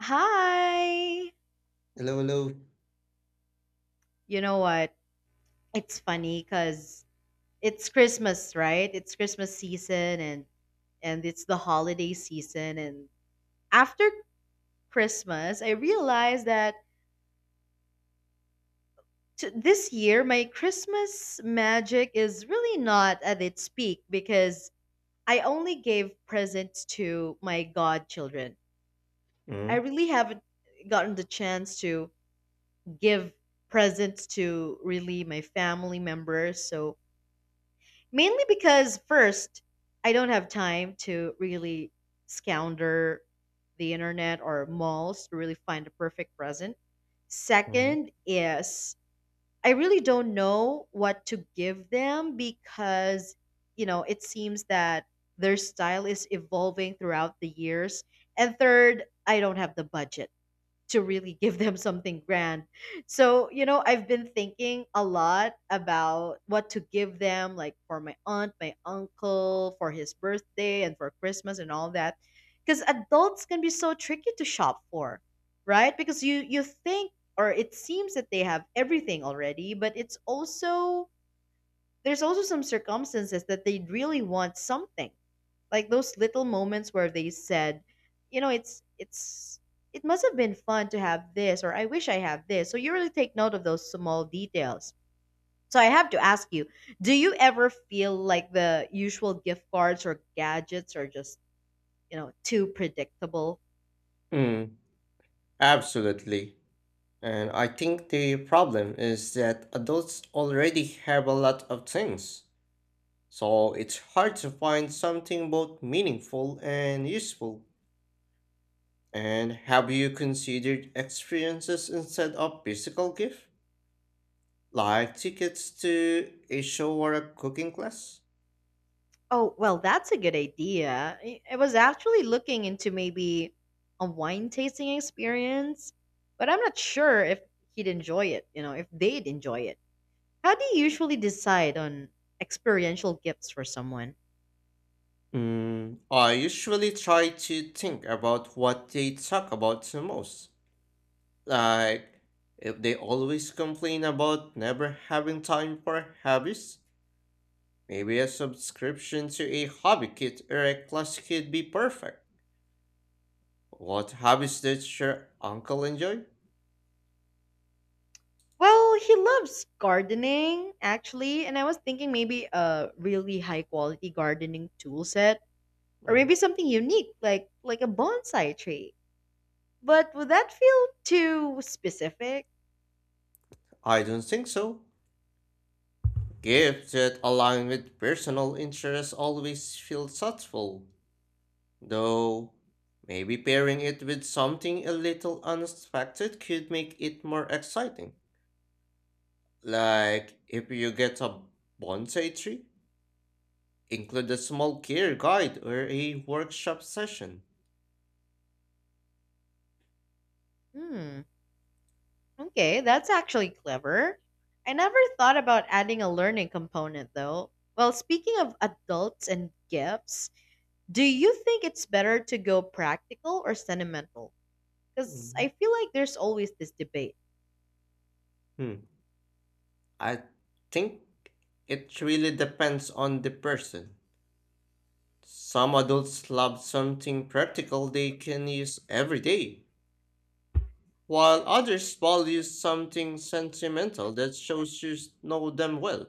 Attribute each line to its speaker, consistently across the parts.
Speaker 1: Hi.
Speaker 2: Hello, hello.
Speaker 1: You know what? It's funny because it's Christmas, right? It's Christmas season and it's the holiday season and after Christmas, I realized that this year my Christmas magic is really not at its peak because I only gave presents to my godchildren. I
Speaker 2: Mm-hmm.
Speaker 1: really haven't gotten the chance to give presents to really my family members, so mainly because first, I don't have time to really scour the internet or malls to really find the perfect present.
Speaker 2: Mm,
Speaker 1: Second is I really don't know what to give them because, it seems that their style is evolving throughout the years. And third, I don't have the budget to really give them something grand. So, I've been thinking a lot about what to give them, like for my aunt, my uncle, for his birthday, and for Christmas and all that. Because adults can be so tricky to shop for, right? Because you think or it seems that they have everything already, but it's also there's also some circumstances that they really want something like those little moments where they said, you know, it's it's it must have been fun to have this or I wish I have this. So you really take note of those small details. So I have to ask you, do you ever feel like the usual gift cards or gadgets are just, too predictable?
Speaker 2: Mm, Absolutely. And I think the problem is that adults already have a lot of things, so it's hard to find something both meaningful and useful. And have you considered experiences instead of physical gift, like tickets to a show or a cooking class?
Speaker 1: Oh, well, that's a good idea. I was actually looking into maybe a wine tasting experience, but I'm not sure if he'd enjoy it, you know, if they'd enjoy it. How do you usually decide on experiential gifts for someone?
Speaker 2: I usually try to think about what they talk about the most. Like, if they always complain about never having time for hobbies, maybe a subscription to a hobby kit or a class kit be perfect. What hobbies did your uncle enjoy?
Speaker 1: Well, he loves gardening, actually, and I was thinking maybe a really high quality gardening tool set or
Speaker 2: Mm,
Speaker 1: maybe something unique like a bonsai tree. But would that feel too specific?
Speaker 2: I don't think so. Gifts that align with personal interests always feel thoughtful, though maybe pairing it with something a little unexpected could make it more exciting. Like if you get a bonsai tree. Include a small gear guide or a workshop session.
Speaker 1: Hmm. Okay, that's actually clever. I never thought about adding a learning component though. Well, speaking of adults and gifts, do you think it's better to go practical or sentimental? Because I
Speaker 2: Mhm.
Speaker 1: feel like there's always this debate.
Speaker 2: Hmm. I think it really depends on the person. Some adults love something practical they can use every day, while others value something sentimental that shows you know them well.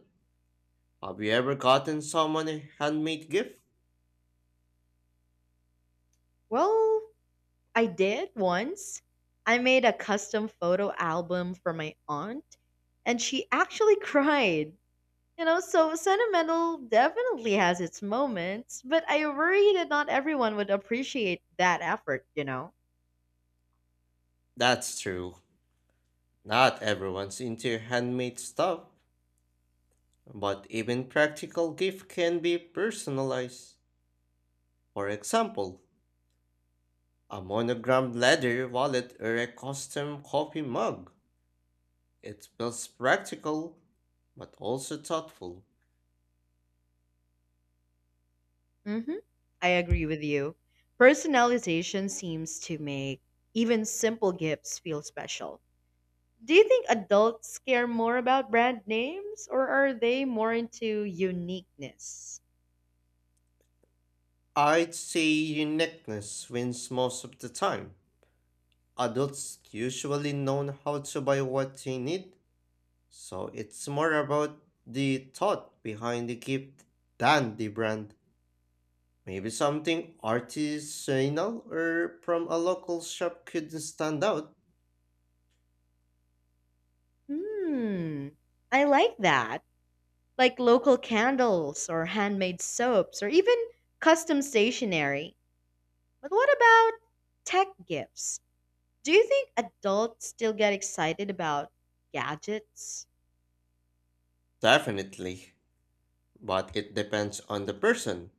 Speaker 2: Have you ever gotten someone a handmade gift?
Speaker 1: Well, I did once. I made a custom photo album for my aunt, and she actually cried. You know, so sentimental definitely has its moments, but I worry that not everyone would appreciate that effort, you know?
Speaker 2: That's true. Not everyone's into handmade stuff, but even practical gift can be personalized. For example, a monogrammed leather wallet or a custom coffee mug. It feels practical, but also thoughtful.
Speaker 1: hmm I agree with you. Personalization seems to make even simple gifts feel special. Do you think adults care more about brand names or are they more into uniqueness?
Speaker 2: I'd say uniqueness wins most of the time. Adults usually know how to buy what they need, so it's more about the thought behind the gift than the brand. Maybe something artisanal or from a local shop could stand out.
Speaker 1: Hmm, I like that. Like local candles or handmade soaps or even custom stationery. But what about tech gifts? Do you think adults still get excited about gadgets?
Speaker 2: Definitely. But it depends on the person.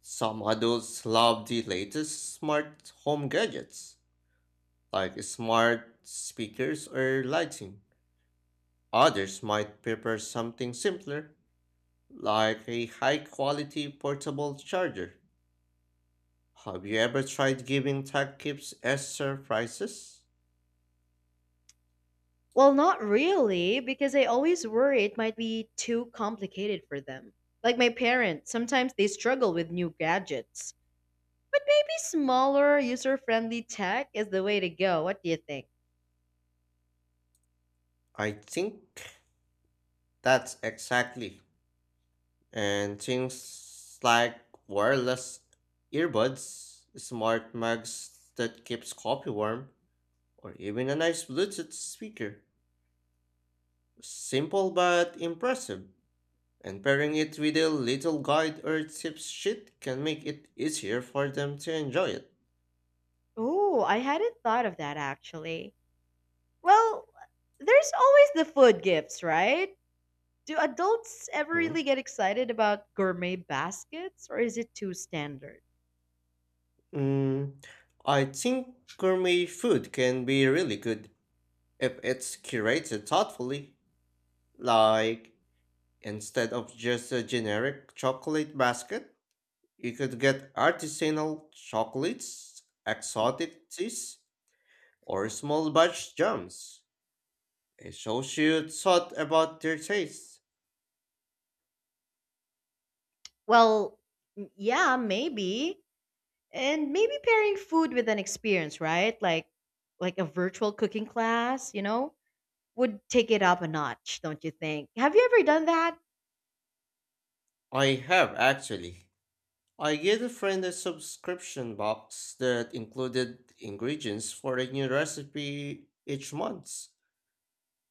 Speaker 2: Some adults love the latest smart home gadgets, like smart speakers or lighting. Others might prefer something simpler, like a high quality portable charger. Have you ever tried giving tech gifts as surprises?
Speaker 1: Well, not really, because I always worry it might be too complicated for them. Like my parents, sometimes they struggle with new gadgets. But maybe smaller, user friendly tech is the way to go. What do you think?
Speaker 2: I think that's exactly. And things like wireless earbuds, smart mugs that keeps coffee warm, or even a nice Bluetooth speaker. Simple but impressive, and pairing it with a little guide or tip sheet can make it easier for them to enjoy it.
Speaker 1: Oh, I hadn't thought of that actually. Well, there's always the food gifts, right? Do adults ever
Speaker 2: Mm.
Speaker 1: really get excited about gourmet baskets or is it too standard?
Speaker 2: Mm, I think gourmet food can be really good if it's curated thoughtfully. Like, instead of just a generic chocolate basket, you could get artisanal chocolates, exotic teas, or small batch jams. It shows you thought about their tastes.
Speaker 1: Well, yeah, maybe. And maybe pairing food with an experience, right? Like a virtual cooking class, you know, would take it up a notch, don't you think? Have you ever done that?
Speaker 2: I have actually. I gave a friend a subscription box that included ingredients for a new recipe each month,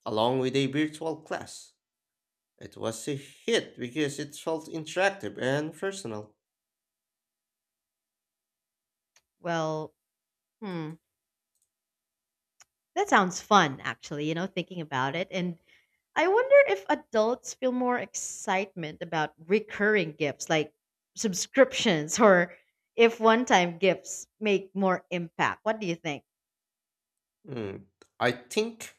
Speaker 2: along with a virtual class. It was a hit because it felt interactive and personal.
Speaker 1: Well, hmm. That sounds fun, actually, you know, thinking about it. And I wonder if adults feel more excitement about recurring gifts like subscriptions or if one time gifts make more impact. What do you think?
Speaker 2: Hmm. I think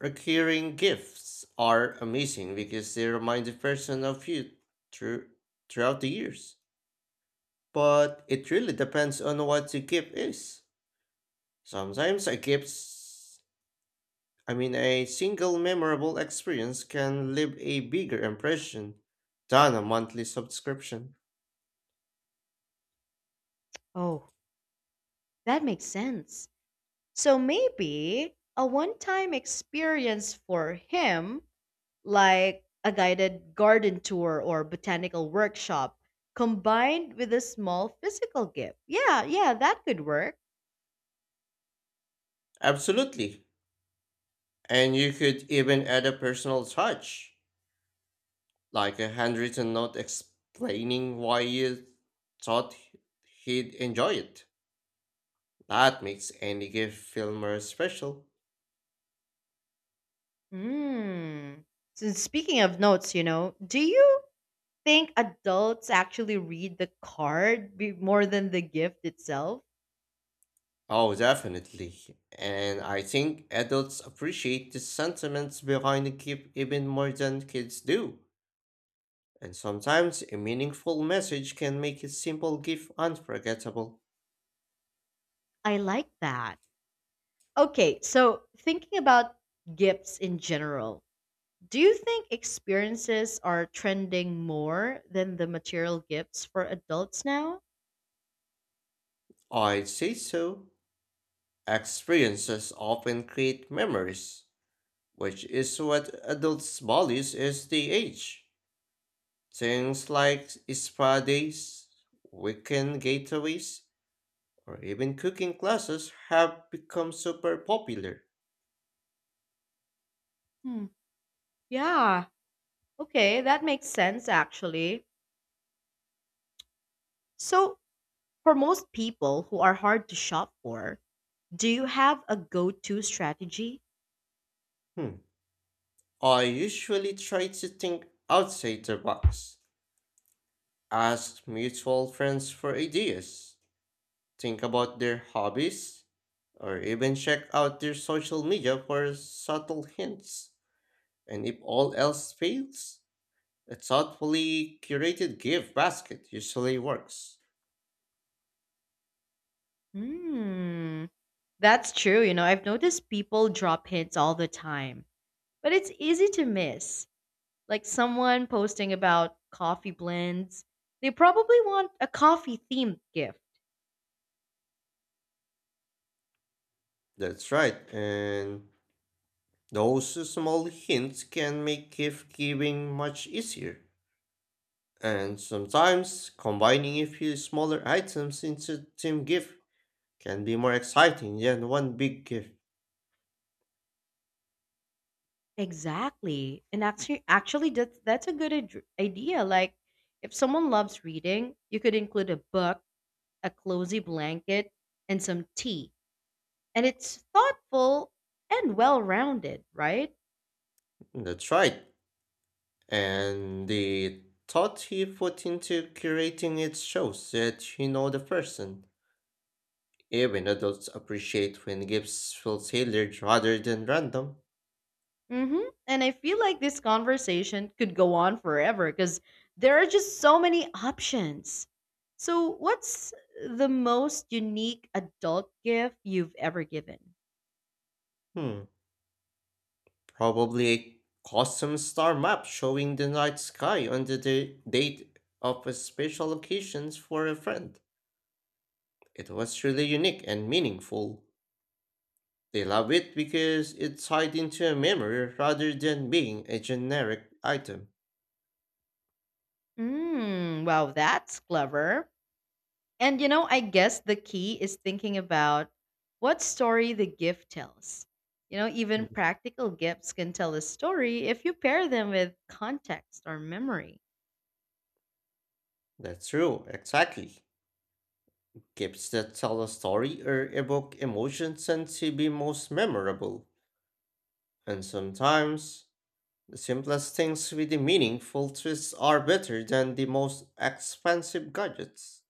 Speaker 2: recurring gifts are amazing because they remind the person of you through, throughout the years. But it really depends on what the gift is. Sometimes a gift's I mean a single memorable experience can leave a bigger impression than a monthly subscription.
Speaker 1: Oh, that makes sense. So maybe a one time experience for him, like a guided garden tour or botanical workshop, combined with a small physical gift. Yeah, yeah, that could work.
Speaker 2: Absolutely. And you could even add a personal touch, like a handwritten note explaining why you thought he'd enjoy it. That makes any gift feel more special.
Speaker 1: Hmm. So speaking of notes, you know, do you think adults actually read the card more than the gift itself?
Speaker 2: Oh, definitely. And I think adults appreciate the sentiments behind a gift even more than kids do. And sometimes a meaningful message can make a simple gift unforgettable.
Speaker 1: I like that. Okay, so thinking about gifts in general, do you think experiences are trending more than the material gifts for adults now?
Speaker 2: I'd say so. Experiences often create memories, which is what adults value as they age. Things like spa days, weekend getaways, or even cooking classes have become super popular.
Speaker 1: Hmm. Yeah. Okay, that makes sense actually. So, for most people who are hard to shop for, do you have a go-to strategy?
Speaker 2: Hmm. I usually try to think outside the box, ask mutual friends for ideas, think about their hobbies, or even check out their social media for subtle hints. And if all else fails, a thoughtfully curated gift basket usually works.
Speaker 1: Hmm, that's true. You know, I've noticed people drop hints all the time, but it's easy to miss. Like someone posting about coffee blends, they probably want a coffee themed gift.
Speaker 2: That's right, and those small hints can make gift giving much easier. And sometimes combining a few smaller items into team gift can be more exciting than one big gift.
Speaker 1: Exactly. And actually, that's a good idea. Like, if someone loves reading, you could include a book, a cozy blanket, and some tea. And it's thoughtful and well rounded, right?
Speaker 2: That's right. And the thought he put into curating it shows that you know the person. Even adults appreciate when gifts feel tailored rather than random.
Speaker 1: hmm And I feel like this conversation could go on forever because there are just so many options. So, what's the most unique adult gift you've ever given?
Speaker 2: Hmm, Probably a custom star map showing the night sky on the date of a special occasions for a friend. It was really unique and meaningful. They love it because it's tied into a memory rather than being a generic item.
Speaker 1: Mm, wow, that's clever. And you know, I guess the key is thinking about what story the gift tells. You know, even
Speaker 2: Mm,
Speaker 1: practical gifts can tell a story if you pair them with context or memory.
Speaker 2: That's true, exactly. Gaps that tell a story or evoke emotion tend to be most memorable, and sometimes the simplest things with the meaningful twists are better than the most expensive gadgets.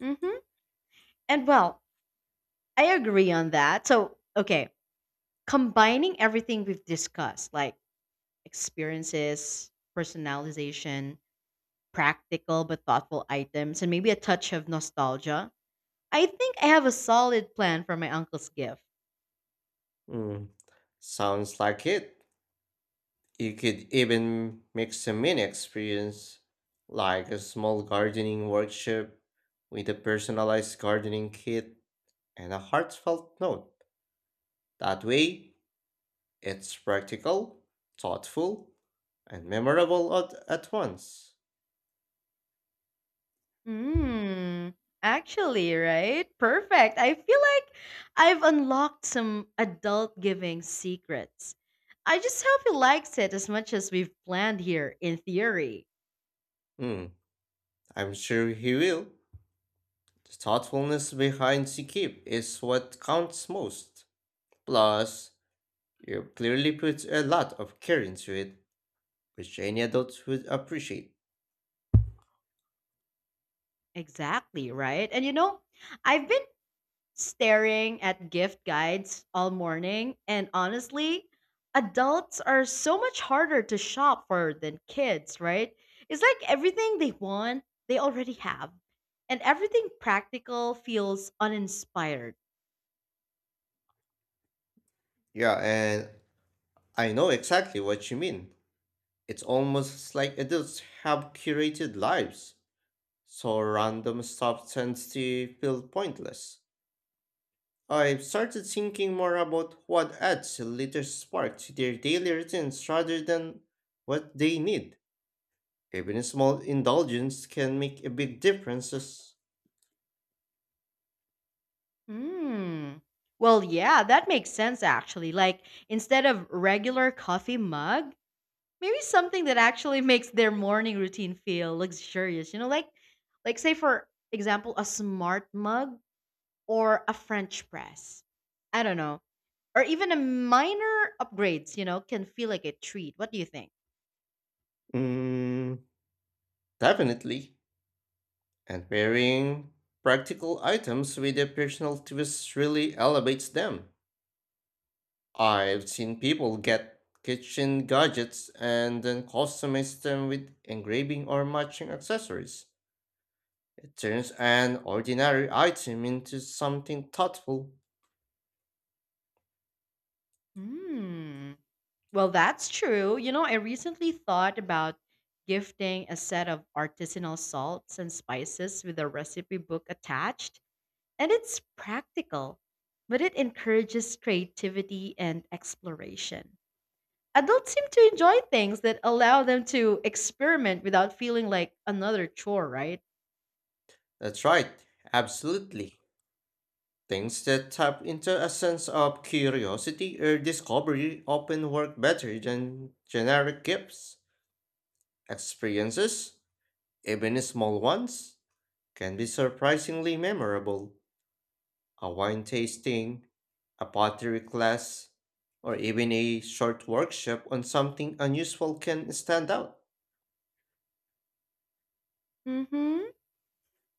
Speaker 1: hmm And well, I agree on that. So, okay, combining everything we've discussed, like experiences, personalization, practical but thoughtful items, and maybe a touch of nostalgia, I think I have a solid plan for my uncle's gift.
Speaker 2: Hmm, sounds like it. You could even mix a mini experience, like a small gardening workshop with a personalized gardening kit and a heartfelt note. That way, it's practical, thoughtful, and memorable at once.
Speaker 1: Hmm. Actually, right? Perfect. I feel like I've unlocked some adult giving secrets. I just hope he likes it as much as we've planned here in theory.
Speaker 2: Hmm, I'm sure he will. The thoughtfulness behind Sikip is what counts most. Plus, you clearly put a lot of care into it, which any adult would appreciate.
Speaker 1: Exactly, right? And you know, I've been staring at gift guides all morning. And honestly, adults are so much harder to shop for than kids, right? It's like everything they want, they already have. And everything practical feels uninspired.
Speaker 2: Yeah, and I know exactly what you mean. It's almost like adults have curated lives, so random stuff tends to feel pointless. I've started thinking more about what adds a little spark to their daily routines rather than what they need. Even a small indulgence can make a big difference.
Speaker 1: Hmm. Well, yeah, that makes sense actually. Like instead of regular coffee mug, maybe something that actually makes their morning routine feel luxurious. You know, like say for example, a smart mug or a French press. I don't know. Or even a minor upgrades, you know, can feel like a treat. What do you think?
Speaker 2: Mm, Definitely. And pairing practical items with a personal twist really elevates them. I've seen people get kitchen gadgets and then customize them with engraving or matching accessories. Turns an ordinary item into something thoughtful.
Speaker 1: Hmm. Well, that's true. You know, I recently thought about gifting a set of artisanal salts and spices with a recipe book attached, and it's practical, but it encourages creativity and exploration. Adults seem to enjoy things that allow them to experiment without feeling like another chore, right?
Speaker 2: That's right, absolutely. Things that tap into a sense of curiosity or discovery often work better than generic gifts. Experiences, even small ones, can be surprisingly memorable. A wine tasting, a pottery class, or even a short workshop on something unusual can stand out.
Speaker 1: Mm hmm.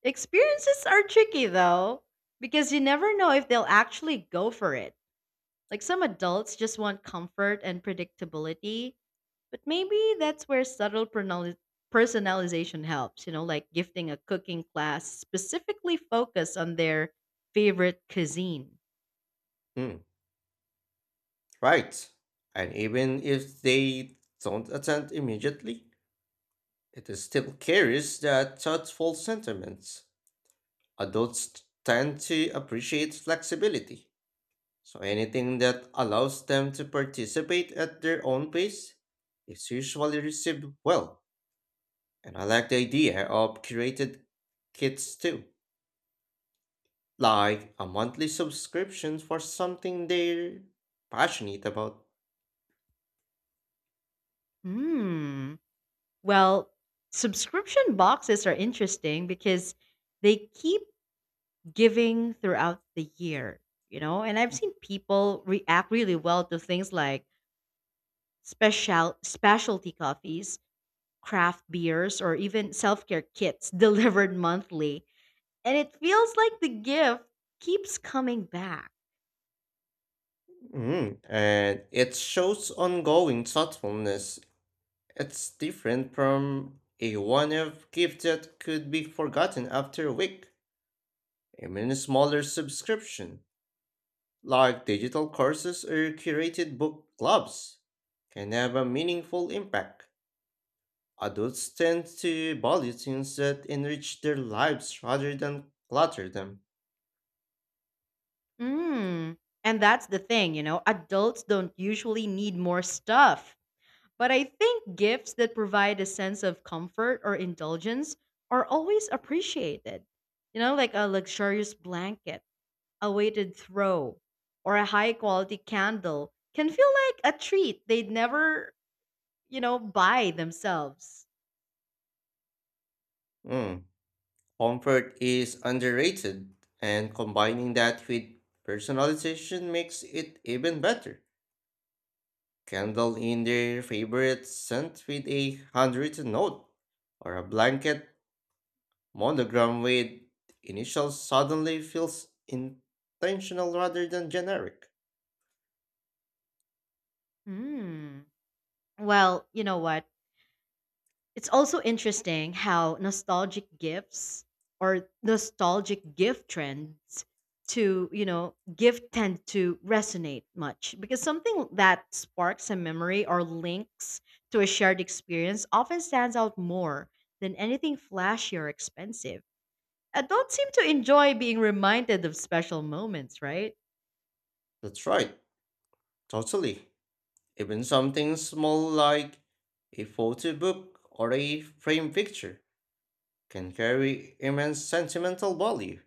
Speaker 1: Experiences are tricky though, because you never know if they'll actually go for it. Like some adults just want comfort and predictability, but maybe that's where subtle personalization helps, you know, like gifting a cooking class specifically focused on their favorite cuisine.
Speaker 2: Mm. Right. And even if they don't attend immediately, it still carries that thoughtful sentiments. Adults tend to appreciate flexibility. So anything that allows them to participate at their own pace is usually received well. And I like the idea of curated kits too, like a monthly subscription for something they're passionate about.
Speaker 1: Hmm. Well, subscription boxes are interesting because they keep giving throughout the year, you know? And I've seen people react really well to things like specialty coffees, craft beers, or even self-care kits delivered monthly. And it feels like the gift keeps coming back.
Speaker 2: And it shows ongoing thoughtfulness. It's different from a one-off gift that could be forgotten after a week. Even a smaller subscription, like digital courses or curated book clubs, can have a meaningful impact. Adults tend to value things that enrich their lives rather than clutter them.
Speaker 1: Mm. And that's the thing, you know, adults don't usually need more stuff. But I think gifts that provide a sense of comfort or indulgence are always appreciated. You know, like a luxurious blanket, a weighted throw, or a high quality candle can feel like a treat they'd never, you know, buy themselves.
Speaker 2: Mm. Comfort is underrated, and combining that with personalization makes it even better. Candle in their favorite scent with a handwritten note, or a blanket monogram with initials suddenly feels intentional rather than generic.
Speaker 1: Hmm. Well, you know what? It's also interesting how nostalgic gifts or nostalgic gift trends to, you know, gift tend to resonate much because something that sparks a memory or links to a shared experience often stands out more than anything flashy or expensive. Adults seem to enjoy being reminded of special moments, right?
Speaker 2: That's right, totally. Even something small like a photo book or a framed picture can carry immense sentimental value.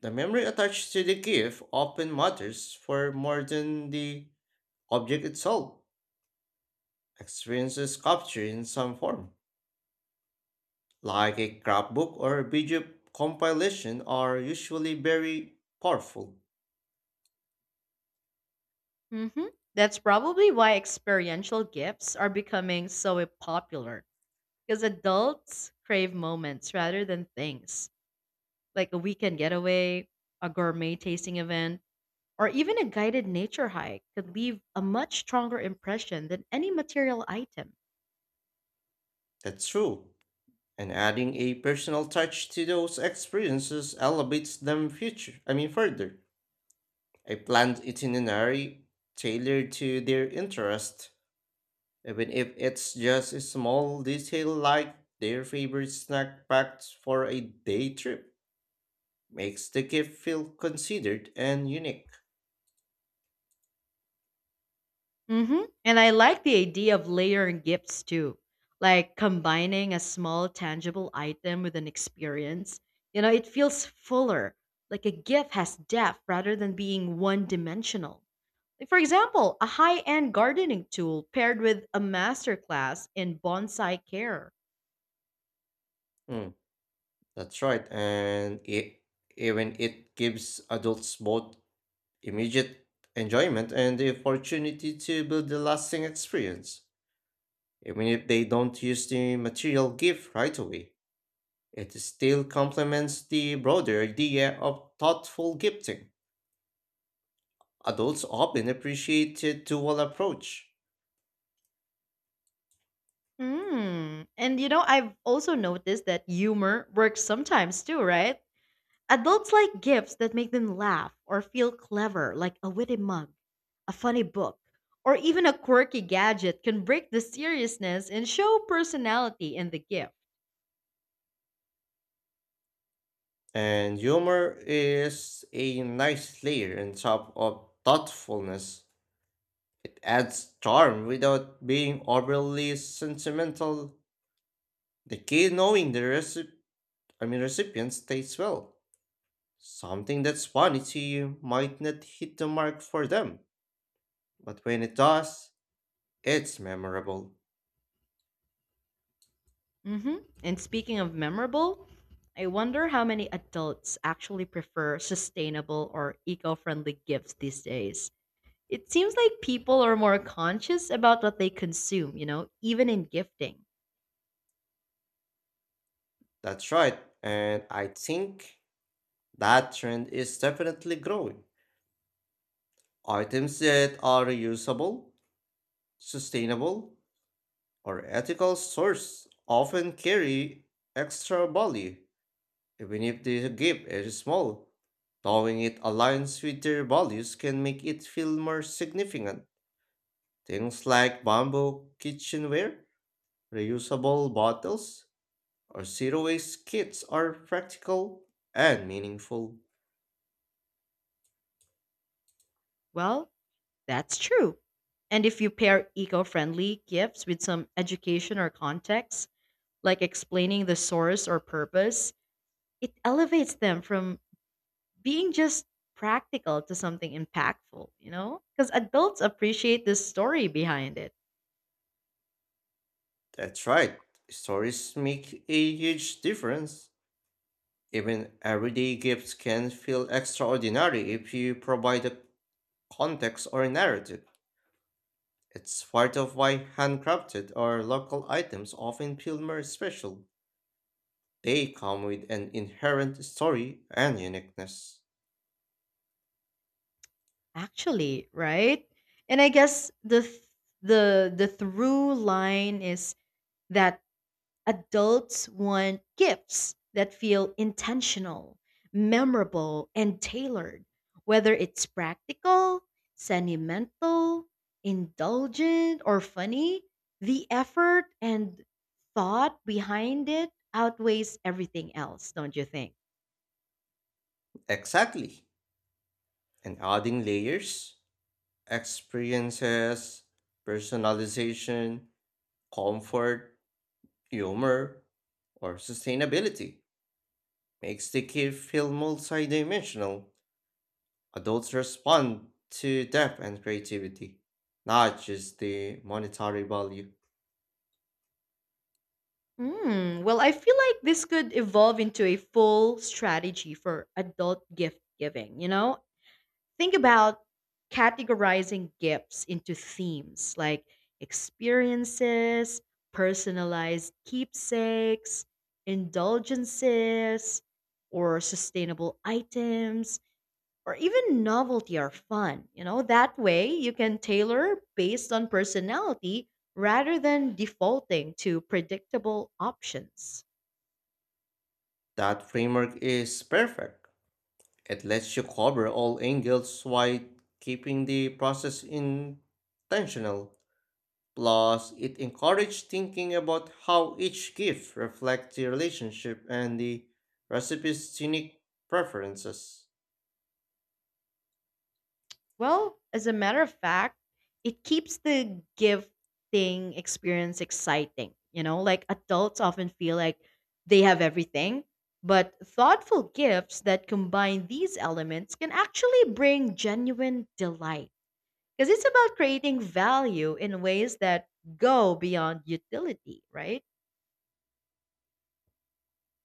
Speaker 2: The memory attached to the gift often matters for more than the object itself. Experiences captured in some form, like a scrapbook or a video compilation, are usually very powerful.
Speaker 1: hmm That's probably why experiential gifts are becoming so popular. Because adults crave moments rather than things, like a weekend getaway, a gourmet tasting event, or even a guided nature hike could leave a much stronger impression than any material item.
Speaker 2: That's true. And adding a personal touch to those experiences elevates them future. I mean further. A planned itinerary tailored to their interest, even if it's just a small detail like their favorite snack packed for a day trip, makes the gift feel considered and unique.
Speaker 1: And I like the idea of layering gifts too, like combining a small tangible item with an experience. You know, it feels fuller, like a gift has depth rather than being one dimensional. Like, for example, a high end gardening tool paired with a masterclass in bonsai care.
Speaker 2: Mm, that's right, and even it gives adults both immediate enjoyment and the opportunity to build a lasting experience even if they don't use the material gift right away. It still complements the broader idea of thoughtful gifting. Adults often appreciate a dual approach,
Speaker 1: Hmm. And you know, I've also noticed that humor works sometimes too, right? Adults like gifts that make them laugh or feel clever, like a witty mug, a funny book, or even a quirky gadget can break the seriousness and show personality in the gift.
Speaker 2: and humor is a nice layer on top of thoughtfulness. It adds charm without being overly sentimental. The key knowing the recipient stays well. Something that's funny to you might not hit the mark for them, but when it does, it's memorable.
Speaker 1: hmm And speaking of memorable, I wonder how many adults actually prefer sustainable or eco friendly gifts these days. It seems like people are more conscious about what they consume, you know, even in gifting.
Speaker 2: That's right, and I think that trend is definitely growing. Items that are reusable, sustainable, or ethical source often carry extra value, even if the gift is small. Knowing it aligns with their values can make it feel more significant. Things like bamboo kitchenware, reusable bottles, or zero waste kits are practical and meaningful.
Speaker 1: Well, that's true. And if you pair eco friendly gifts with some education or context, like explaining the source or purpose, it elevates them from being just practical to something impactful, you know? Because adults appreciate the story behind it,
Speaker 2: That's right, stories make a huge difference. Even everyday gifts can feel extraordinary if you provide a context or a narrative. It's part of why handcrafted or local items often feel more special. They come with an inherent story and uniqueness.
Speaker 1: actually, right? And I guess the through line is that adults want gifts that feel intentional, memorable, and tailored, whether it's practical, sentimental, indulgent, or funny. The effort and thought behind it outweighs everything else, don't you think?
Speaker 2: Exactly. And adding layers, experiences, personalization, comfort, humor, or sustainability makes the gift feel multidimensional. Adults respond to depth and creativity, not just the monetary value.
Speaker 1: Hmm. Well, I feel like this could evolve into a full strategy for adult gift giving. You know, think about categorizing gifts into themes like experiences, personalized keepsakes, indulgences, or sustainable items, or even novelty or fun. You know, that way you can tailor based on personality rather than defaulting to predictable options.
Speaker 2: That framework is perfect. It lets you cover all angles while keeping the process intentional. Plus, it encourages thinking about how each gift reflects the relationship and the recipe's unique preferences.
Speaker 1: Well, as a matter of fact, it keeps the gifting experience exciting. You know, like adults often feel like they have everything, but thoughtful gifts that combine these elements can actually bring genuine delight. Because it's about creating value in ways that go beyond utility, right?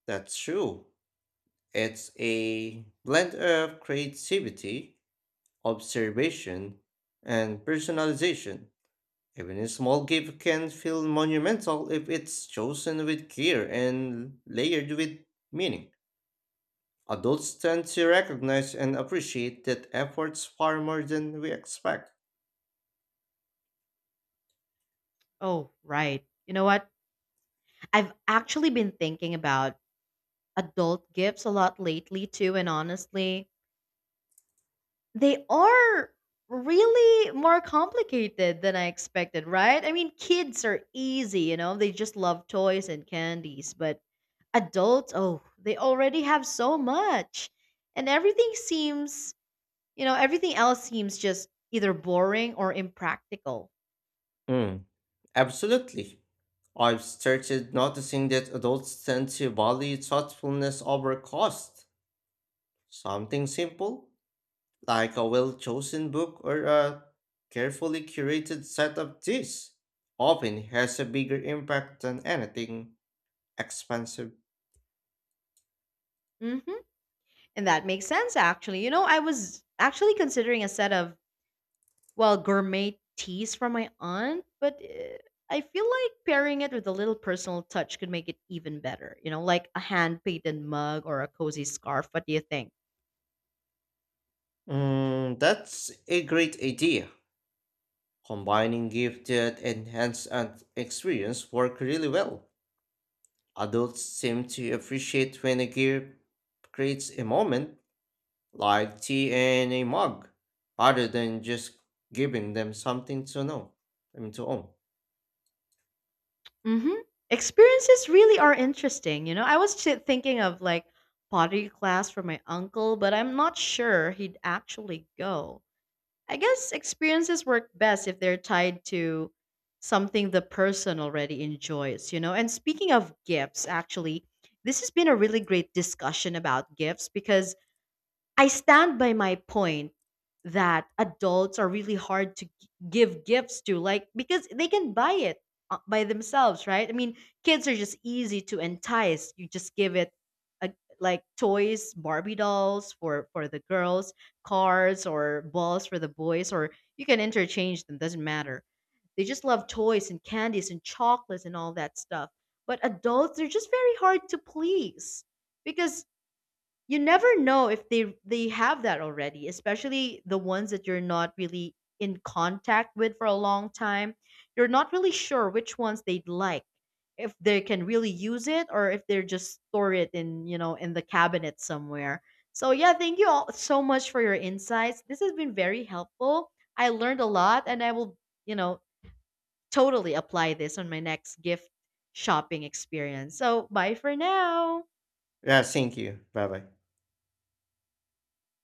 Speaker 2: That's true. It's a blend of creativity, observation, and personalization. Even a small gift can feel monumental if it's chosen with care and layered with meaning. Adults tend to recognize and appreciate that efforts far more than we expect.
Speaker 1: Oh, right. You know what? I've actually been thinking about adult gifts a lot lately, too. And honestly, they are really more complicated than I expected, right? I mean, kids are easy, you know, they just love toys and candies, but adults, oh, they already have so much. And everything seems, everything else seems just either boring or impractical.
Speaker 2: Mm, Absolutely. I've started noticing that adults tend to value thoughtfulness over cost. Something simple, like a well chosen book or a carefully curated set of teas, often has a bigger impact than anything expensive.
Speaker 1: hmm And that makes sense, actually. You know, I was actually considering a set of well, gourmet teas from my aunt, but I feel like pairing it with a little personal touch could make it even better. You know, like a hand painted mug or a cozy scarf. What do you think?
Speaker 2: That's a great idea. Combining gift that enhance and experience work really well. Adults seem to appreciate when a gift creates a moment, like tea and a mug, rather than just giving them something to know, I mean to own.
Speaker 1: Mm-hmm. Experiences really are interesting. You know, I was thinking of like pottery class for my uncle, but I'm not sure he'd actually go. I guess experiences work best if they're tied to something the person already enjoys, you know? And speaking of gifts, actually, this has been a really great discussion about gifts because I stand by my point that adults are really hard to give gifts to, like, because they can buy it by themselves, right? I mean, kids are just easy to entice. You just give it a, like toys, Barbie dolls for the girls, cars or balls for the boys, or you can interchange them, doesn't matter. They just love toys and candies and chocolates and all that stuff. But adults, they're just very hard to please because you never know if they have that already, especially the ones that you're not really in contact with for a long time. You're not really sure which ones they'd like, if they can really use it or if they're just store it in, you know, in the cabinet somewhere. So yeah, thank you all so much for your insights. This has been very helpful. I learned a lot and I will, you know, totally apply this on my next gift shopping experience. So bye for now.
Speaker 2: Yeah, thank you. Bye bye.